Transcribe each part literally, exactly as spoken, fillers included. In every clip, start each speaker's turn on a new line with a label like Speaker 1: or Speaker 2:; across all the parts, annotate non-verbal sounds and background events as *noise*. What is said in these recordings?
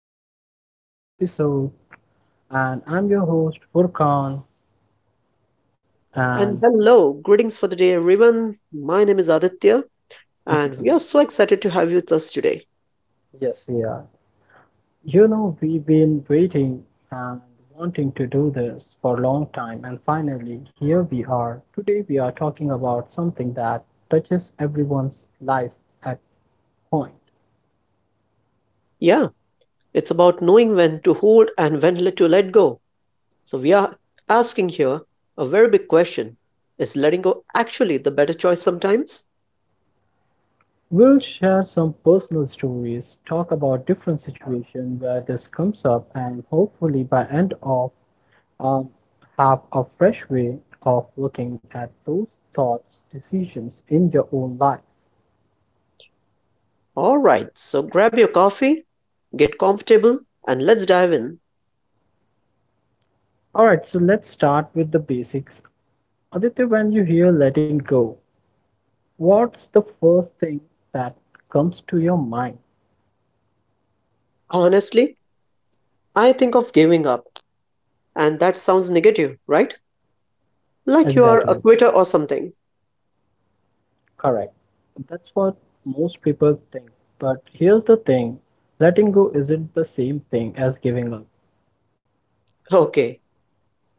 Speaker 1: welcome to our episode. And I'm your host, Furkan.
Speaker 2: And
Speaker 1: And
Speaker 2: hello, greetings for the day, everyone. My name is Aditya, and we are
Speaker 1: *laughs*
Speaker 2: so excited to have you with us today.
Speaker 1: Yes, we are. You know, we've been waiting and wanting to do this for a long time. And finally, here we are. Today, we are talking about something that touches everyone's life at point.
Speaker 2: Yeah, it's about knowing when to hold and when let- to let go. So, we are asking here a very big question. Is letting go actually the better choice sometimes?
Speaker 1: We'll share some personal stories, talk about different situations where this comes up, and hopefully by end of um, have a fresh way of looking at those thoughts, decisions in your own life.
Speaker 2: All right, so grab your coffee, get comfortable, and let's dive in.
Speaker 1: All right, so let's start with the basics. Aditya, when you hear letting go, what's the first thing that comes to your mind?
Speaker 2: Honestly, I think of giving up, and that sounds negative, right? Like you are a
Speaker 1: Exactly,
Speaker 2: quitter or something.
Speaker 1: correct. That's what most people think. But here's the thing: letting go isn't the same thing as giving up.
Speaker 2: Okay.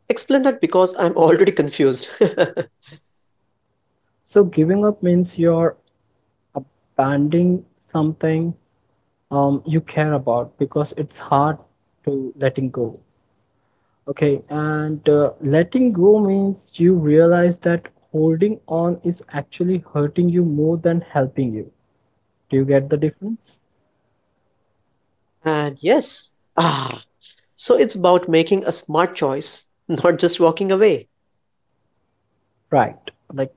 Speaker 2: Explain that because I'm already confused. *laughs*
Speaker 1: So, giving up means you're abandoning something um you care about because it's hard to letting go. Okay, and uh, letting go means you realize that holding on is actually hurting you more than helping you. Do you get the difference?
Speaker 2: And yes, ah, so it's about making a smart choice, not just walking away.
Speaker 1: Right, like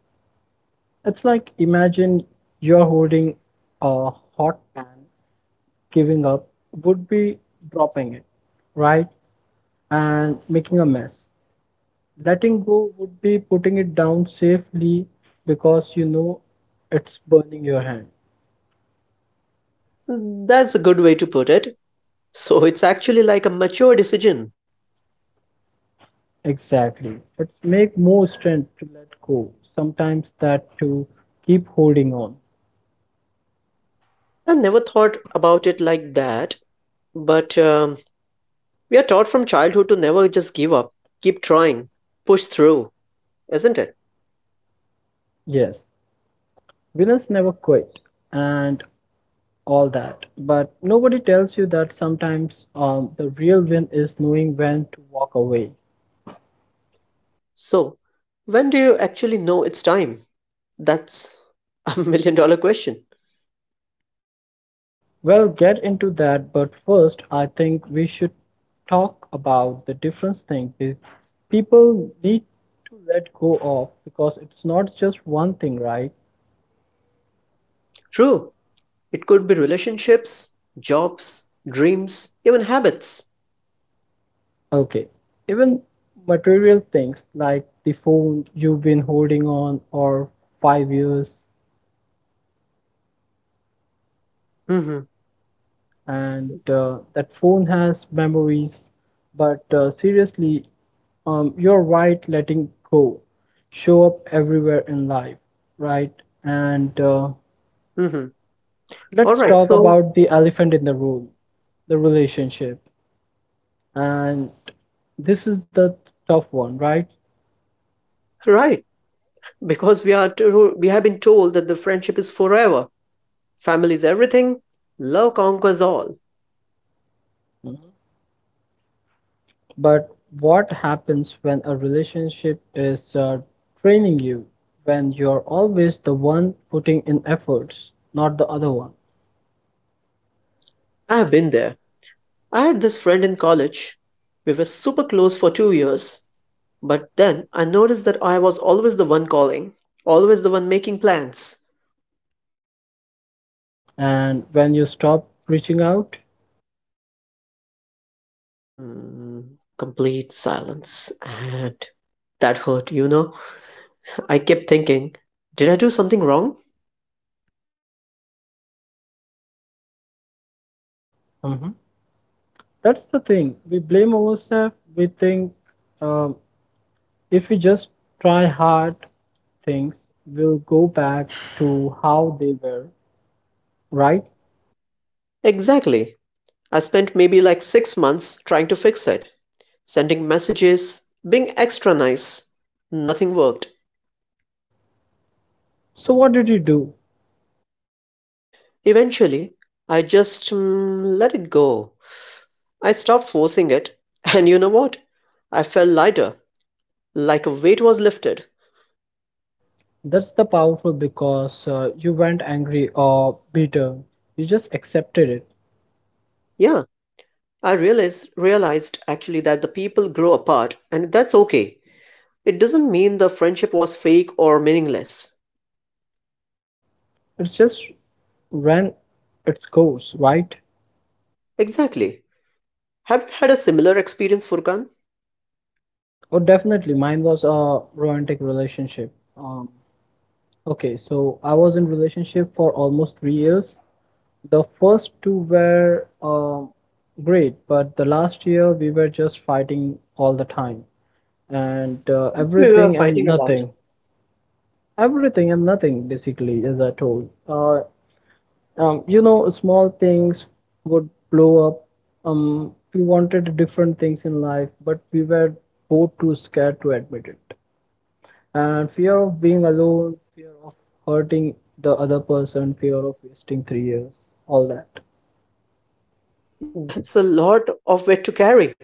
Speaker 1: it's like imagine you're holding a hot pan. Giving up would be dropping it, right, and making a mess. Letting go would be putting it down safely because you know it's burning your hand.
Speaker 2: That's a good way to put it. So it's actually like a mature decision.
Speaker 1: Exactly. It's make more strength to let go. Sometimes that to keep holding on.
Speaker 2: I never thought about it like that, but um, we are taught from childhood to never just give up, keep trying, push through, isn't it?
Speaker 1: Yes, winners never quit and all that. But nobody tells you that sometimes um, the real win is knowing when to walk away.
Speaker 2: So, when do you actually know it's time? That's a *laughs* million dollar question.
Speaker 1: We'll get into that, but first I think we should talk about the different things people need to let go of because it's not just one thing, right?
Speaker 2: True. It could be relationships, jobs, dreams, even habits.
Speaker 1: Okay, even material things like the phone you've been holding on or five years,
Speaker 2: hmm
Speaker 1: and uh, that phone has memories, but uh, seriously, um, you're right, letting go show up everywhere in life, right? And uh,
Speaker 2: hmm All
Speaker 1: Let's
Speaker 2: right.
Speaker 1: talk
Speaker 2: So,
Speaker 1: about the elephant in the room, the relationship. And this is the tough one, right?
Speaker 2: right, because we are to, we have been told that the friendship is forever. Family is everything. Love conquers all.
Speaker 1: But what happens when a relationship is uh, training you, when you're always the one putting in efforts, not the other one?
Speaker 2: I have been there. I had this friend in college. We were super close for two years, but then I noticed that I was always the one calling, always the one making plans.
Speaker 1: And when you stop reaching out.
Speaker 2: Mm, complete silence, and that hurt, you know. I kept thinking, did I do something wrong?
Speaker 1: Mhm, that's the thing. We blame ourselves. We think um, if we just try hard, things will go back to how they were, right?
Speaker 2: Exactly. I spent maybe like six months trying to fix it, sending messages, being extra nice. Nothing worked.
Speaker 1: So what did you do?
Speaker 2: Eventually, I just mm, let it go. I stopped forcing it, *laughs* and you know what? I felt lighter, like a weight was lifted.
Speaker 1: That's the powerful, because uh, you weren't angry or bitter. You just accepted it.
Speaker 2: Yeah, I realized realized actually that the people grow apart, and that's okay. It doesn't mean the friendship was fake or meaningless.
Speaker 1: It's just ran its course, right?
Speaker 2: Exactly. Have you had a similar experience, Furkan?
Speaker 1: Oh, definitely. Mine was a romantic relationship. Um, okay, so I was in relationship for almost three years. The first two were um great, but the last year we were just fighting all the time, and uh,
Speaker 2: We were
Speaker 1: everything and
Speaker 2: fighting about.
Speaker 1: nothing. Everything and nothing, basically, as I told. Uh, um, you know, small things would blow up. Um, we wanted different things in life, but we were both too scared to admit it. And fear of being alone, fear of hurting the other person, fear of wasting three years, all that.
Speaker 2: That's a lot of weight to carry.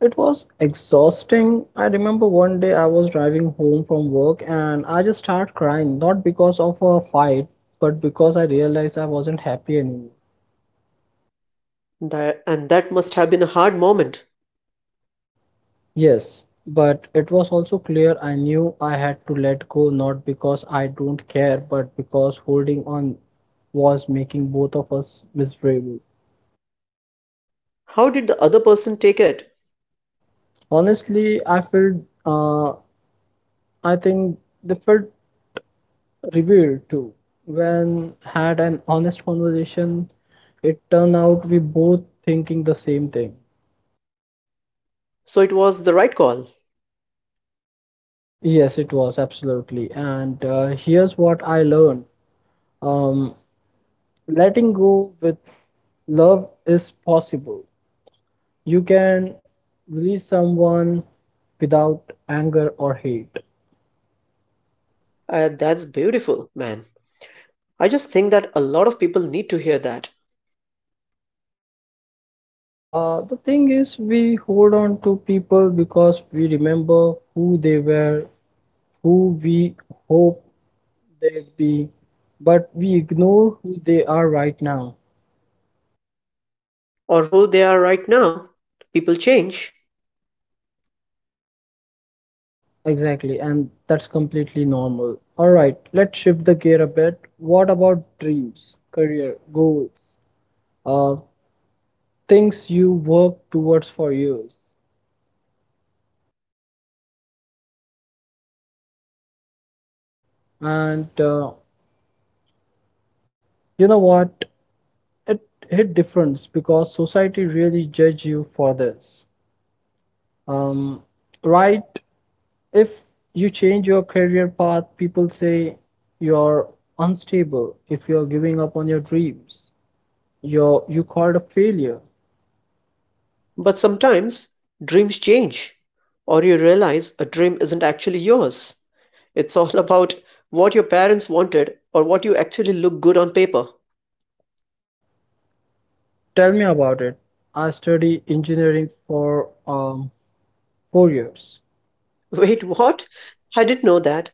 Speaker 1: It was exhausting. I remember one day I was driving home from work and I just started crying, not because of a fight, but because I realized I wasn't happy anymore.
Speaker 2: That, and that must have been a hard moment.
Speaker 1: Yes, but it was also clear. I knew I had to let go, not because I don't care, but because holding on was making both of us miserable.
Speaker 2: How did the other person take it?
Speaker 1: Honestly, I felt, uh, I think they felt revealed too. When had an honest conversation, it turned out we both thinking the same thing.
Speaker 2: So it was the right call.
Speaker 1: Yes, it was absolutely. And uh, Here's what I learned. Um, Letting go with love is possible. You can release someone without anger or hate.
Speaker 2: Uh, that's beautiful, man. I just think that a lot of people need to hear that.
Speaker 1: Uh, the thing is, we hold on to people because we remember who they were, who we hope they'd be, but we ignore who they are right now.
Speaker 2: Or who they are right now. People change.
Speaker 1: Exactly, and that's completely normal. All right, let's shift the gear a bit. What about dreams, career, goals? Uh, Things you work towards for years,
Speaker 2: hmm Okay. So, uh,
Speaker 1: and uh,
Speaker 2: no, this one hits different because, like,
Speaker 1: you know
Speaker 2: the
Speaker 1: what,
Speaker 2: society really
Speaker 1: it
Speaker 2: judges you
Speaker 1: hit
Speaker 2: for this.
Speaker 1: difference because society really judge you for this, um, right? If you change your career path, people say you're unstable. If you're giving up on your dreams, you're you called a failure.
Speaker 2: But sometimes dreams change, or you realize a dream isn't actually yours. It's all about what your parents wanted or what you actually look good on paper.
Speaker 1: Tell me about it. I study engineering for um, four years.
Speaker 2: *laughs* Wait, what? I didn't know that.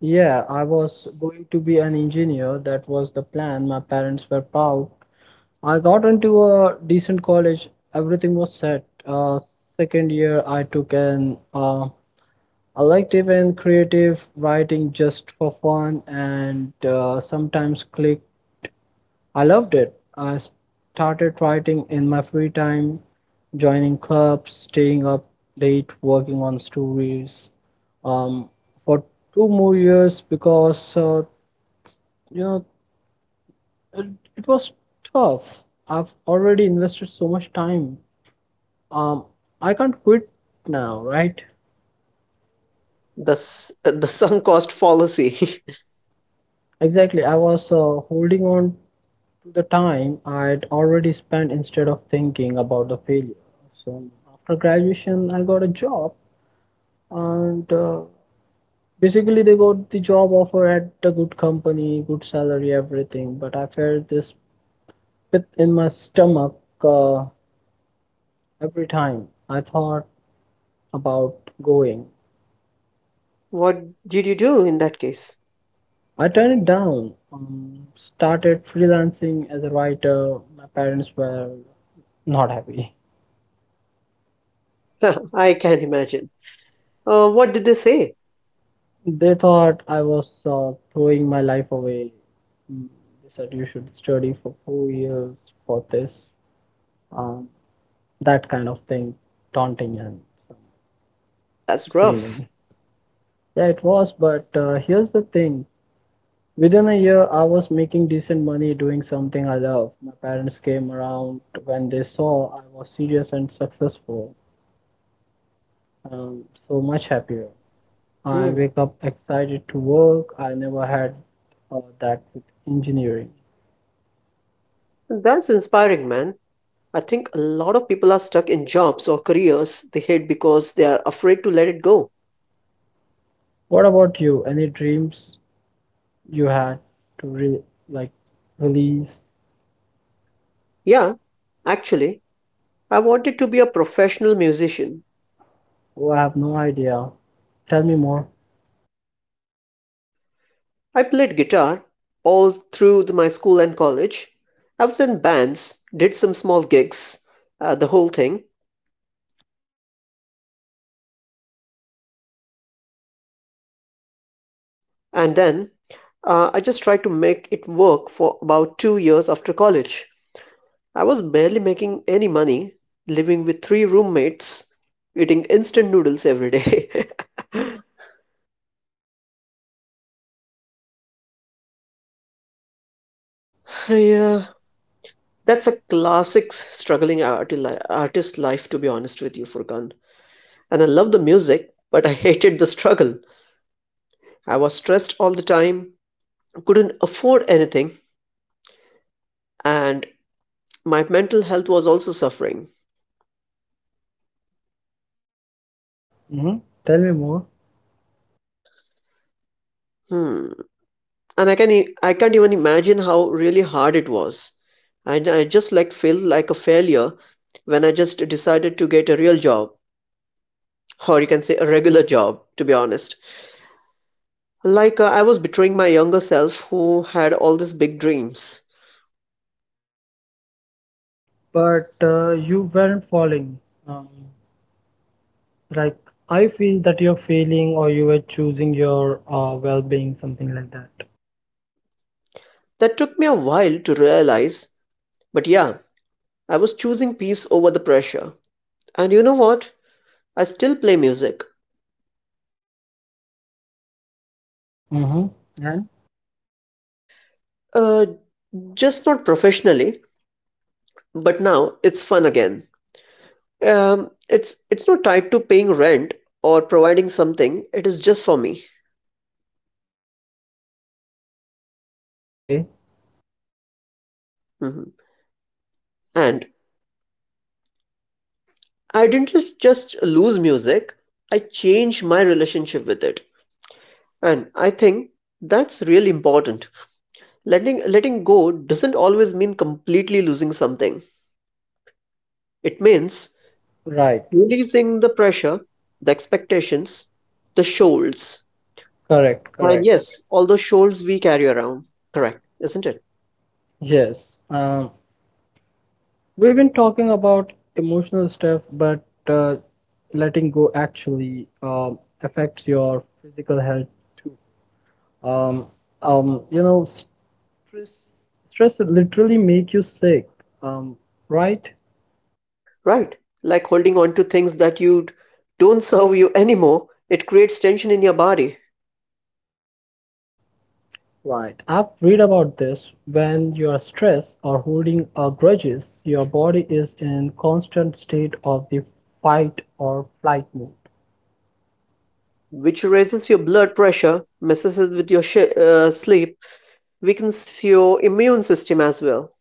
Speaker 1: Yeah, I was going to be an engineer. That was the plan. My parents were proud. I got into a decent college. Everything was set. Uh, second year, I took an uh, elective in creative writing just for fun, and uh, sometimes clicked. I loved it. I started writing in my free time, joining clubs, staying up late, working on stories um, for two more years, because uh, you know it, it was tough. I've already invested so much time. Um, I can't quit now, right?
Speaker 2: The, s- the sunk cost fallacy.
Speaker 1: Exactly. I was uh, holding on to the time I'd already spent instead of thinking about the failure. So after graduation, I got a job. And uh, Basically, they got the job offer at a good company, good salary, everything. But I felt this pit in my stomach uh, every time I thought about going.
Speaker 2: *laughs* What did you do in that case?
Speaker 1: I turned it down, um, started freelancing as a writer. My parents were not happy.
Speaker 2: *laughs* I can imagine. Uh, what did they say?
Speaker 1: They thought I was uh, throwing my life away. Mm, They said you should study for four years for this. Um, that kind of thing, taunting and
Speaker 2: That's rough.
Speaker 1: screaming. Yeah, it was, but uh, here's the thing. Within a year, I was making decent money doing something I love. My parents came around when they saw I was serious and successful. Um, so much happier. I
Speaker 2: Hmm.
Speaker 1: wake up excited to work. I never had uh, that with engineering.
Speaker 2: That's inspiring, man. I think a lot of people are stuck in jobs or careers they hate because they are afraid to let it go.
Speaker 1: What about you? Any dreams you had to re like release?
Speaker 2: Yeah, actually, I wanted to be a professional musician.
Speaker 1: Oh, I have no idea. Tell me more.
Speaker 2: I played guitar all through the- my school and college. I was in bands, did some small gigs, uh, the whole thing, and then uh, I just tried to make it work for about two years after college. I was barely making any money, living with three roommates, eating instant noodles every day. *laughs* Yeah, that's a classic struggling arti- li- artist life, to be honest with you, Furkan. And I loved the music, but I *laughs* hated the struggle. I was stressed all the time, couldn't afford anything, and my mental health was also suffering.
Speaker 1: Mm-hmm. Tell me more.
Speaker 2: Hmm. And I can e- I can't even imagine how really hard it was. I, I just like feel like a failure when I just decided to get a real job, or you can say a regular job, to be honest. Like uh, I was betraying my younger self who had all these big dreams.
Speaker 1: But uh, you weren't falling. Um, like, I feel that you're failing or you were choosing your uh, well-being, something like that.
Speaker 2: That took me a while to realize, but yeah, I was choosing peace over the pressure. And you know what? I still play music.
Speaker 1: Mm-hmm. And
Speaker 2: Uh, just not professionally, but now it's fun again. Um, it's it's not tied to paying rent or providing something. It is just for me.
Speaker 1: okay,
Speaker 2: Mhm. And I didn't just just lose music. I changed my relationship with it. And I think that's really important. Letting letting go doesn't always mean completely losing something. It means
Speaker 1: right,
Speaker 2: releasing the pressure, the expectations, the shoals.
Speaker 1: correct,
Speaker 2: And
Speaker 1: correct,
Speaker 2: yes, all the shoals we carry around. Correct, isn't it?
Speaker 1: yes. Um, we've been talking about emotional stuff, but uh, letting go actually um, affects your physical health too. Um, um, you know, stress stress literally make you sick, Um, right?
Speaker 2: Right. Like holding on to things that you d- don't serve you anymore, it creates tension in your body,
Speaker 1: Right. I've read about this. When you are stressed or holding a grudges, your body is in constant state of the fight or flight mode.
Speaker 2: which raises your blood pressure, messes with your sh- uh, sleep, weakens your immune system as well.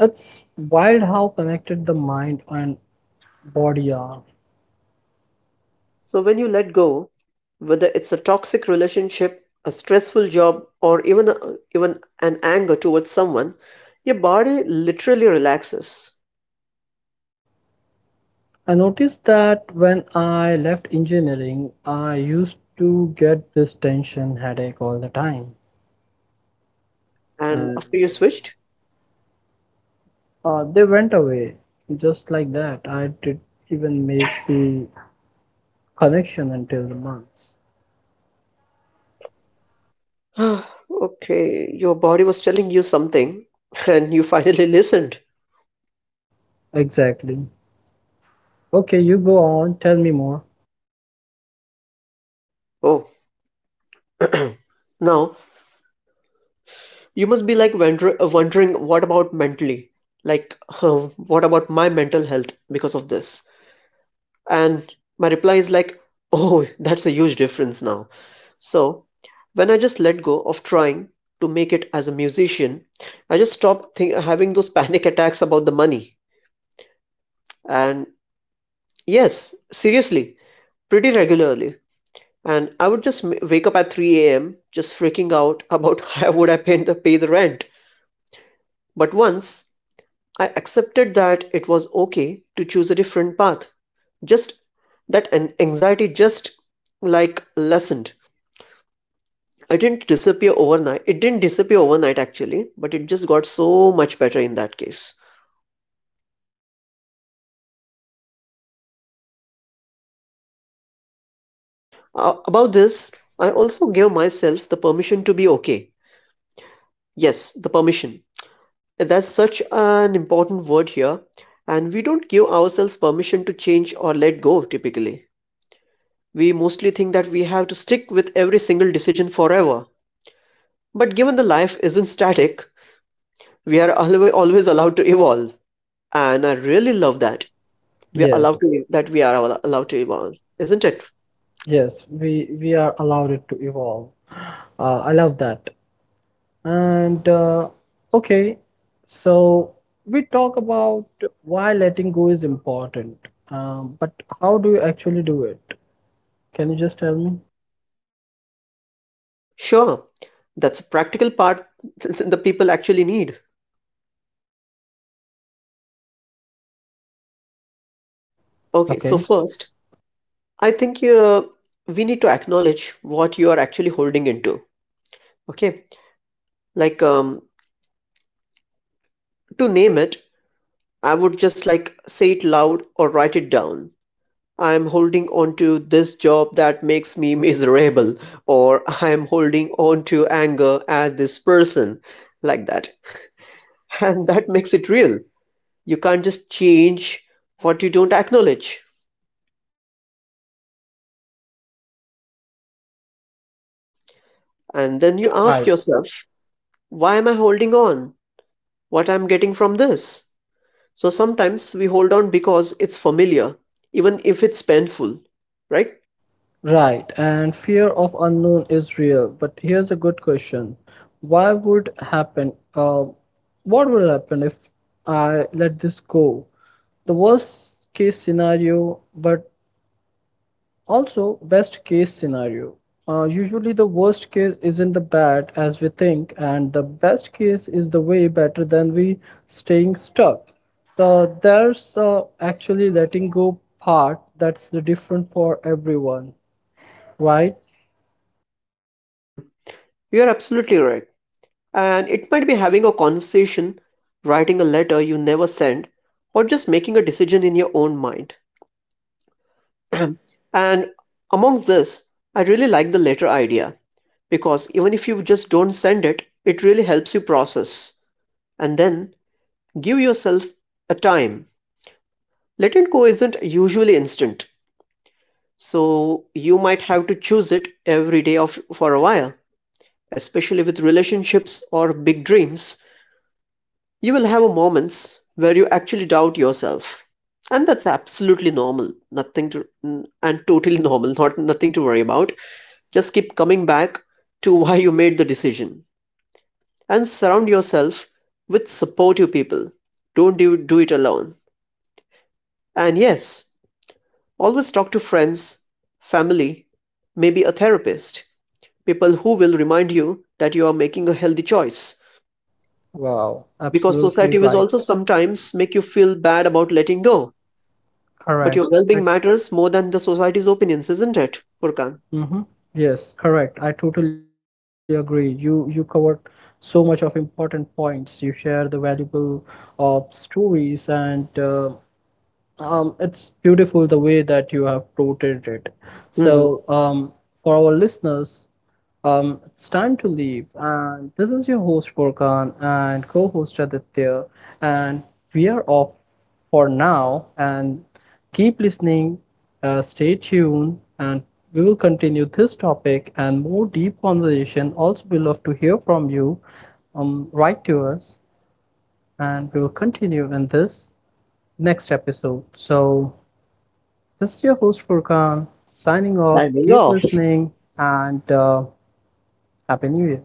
Speaker 1: It's wild how connected the mind and body are.
Speaker 2: So, when you let go, whether it's a toxic relationship, a stressful job, or even, a, even an anger towards someone, your body literally relaxes.
Speaker 1: I noticed that when I left engineering, I used to get this tension headache all the time,
Speaker 2: And
Speaker 1: and
Speaker 2: after you
Speaker 1: uh,
Speaker 2: switched,
Speaker 1: uh, they went away just like that. I didn't even make the connection until the months.
Speaker 2: *sighs* okay, your body was telling you something *laughs* and you finally listened.
Speaker 1: Exactly. Okay, you go on. Tell me more.
Speaker 2: Oh, now you must be like wonder- uh, wondering what about mentally? Like, *laughs* uh, what about my mental health because of this? And my reply is like, oh, that's a huge difference now. So, when I just let go of trying to make it as a musician, I just stopped think- having those *laughs* panic attacks about the money. And yes, seriously, pretty regularly. And I would just m- wake up at three a m just freaking out about *laughs* how would I pay the, pay the rent. But once I accepted that it was okay to choose a different path, just that an anxiety just like lessened. I didn't disappear overnight. It didn't disappear overnight actually, but it just got so much better in that case. Uh, about this, I also gave myself the permission to be okay. Yes, the permission. That's such an important word here, and we don't give ourselves permission to change or let go typically. We mostly think that we have to stick with every single decision forever. But given the life isn't static, we are alwa- always allowed to evolve, and I really love that. We are allowed
Speaker 1: Yes,
Speaker 2: to that we are all allowed to evolve, isn't it?
Speaker 1: yes, we we are allowed it to evolve. Uh, I love that. And uh, Okay, so we talk about why letting go is important, um, but how do you actually do it? Can you just tell me?
Speaker 2: Sure, that's a practical part. *laughs* The people actually need. Okay, so
Speaker 1: Okay,
Speaker 2: first, I think uh, we need to acknowledge what you are actually holding into. Okay, like um to name it, I would just like say it loud or write it down. I am holding on to this job that makes me miserable, or I am holding on to anger at this person, like that. *laughs* And that makes it real. You can't just change what you don't acknowledge. And then you ask
Speaker 1: right.
Speaker 2: yourself, why am I holding on? What I'm getting from this? So sometimes we hold on because it's familiar, even if it's painful, right?
Speaker 1: Right, and fear of unknown is real, but here's a good question. Why would happen? Uh, what would happen if I let this go? The worst case scenario, but also best case scenario. Uh, usually, the worst case isn't the bad as we think, and the best case is the way better than we staying stuck. So there's uh, actually letting go part that's the different for everyone, right?
Speaker 2: Mm-hmm. You're absolutely right. And it might be having a conversation, writing a letter you never send, or just making a decision in your own mind. And among this, I really like the letter idea because even if you just don't send it, it really helps you process. And then give yourself a time. Latent co isn't usually instant, so you might have to choose it every day of, for a while. Especially with relationships or big dreams, you will have moments where you actually doubt yourself. And that's absolutely normal. Nothing to and Totally *laughs* normal, not nothing to worry about. Just keep coming back to *laughs* why you made the decision and surround yourself with supportive people. Don't do, do it alone. And yes, always talk to friends, family, maybe a therapist, people who will remind you that you are making a healthy choice.
Speaker 1: Wow,
Speaker 2: Because
Speaker 1: absolutely
Speaker 2: society will
Speaker 1: right.
Speaker 2: also sometimes make you feel bad about letting go. But
Speaker 1: Correct.
Speaker 2: your well
Speaker 1: I
Speaker 2: being matters more than the society's opinions, isn't it, Furkan?
Speaker 1: Mm-hmm. Yes, correct. I totally agree. You you covered so much of important points. You share the valuable uh, stories, and uh, Um, it's beautiful the way that you have quoted it.
Speaker 2: Mm-hmm.
Speaker 1: So, um, for our listeners, um, it's time to leave. And this is your host Furkan and co-host Aditya. And we are off for now. And keep listening, uh, stay tuned, and we will continue this topic and more deep conversation. Also, we love to hear from you. Um, write to us, and we will continue in this next episode. So, this is your host Furkan signing
Speaker 2: I
Speaker 1: off.
Speaker 2: will
Speaker 1: Keep
Speaker 2: off.
Speaker 1: listening and uh, Happy New Year.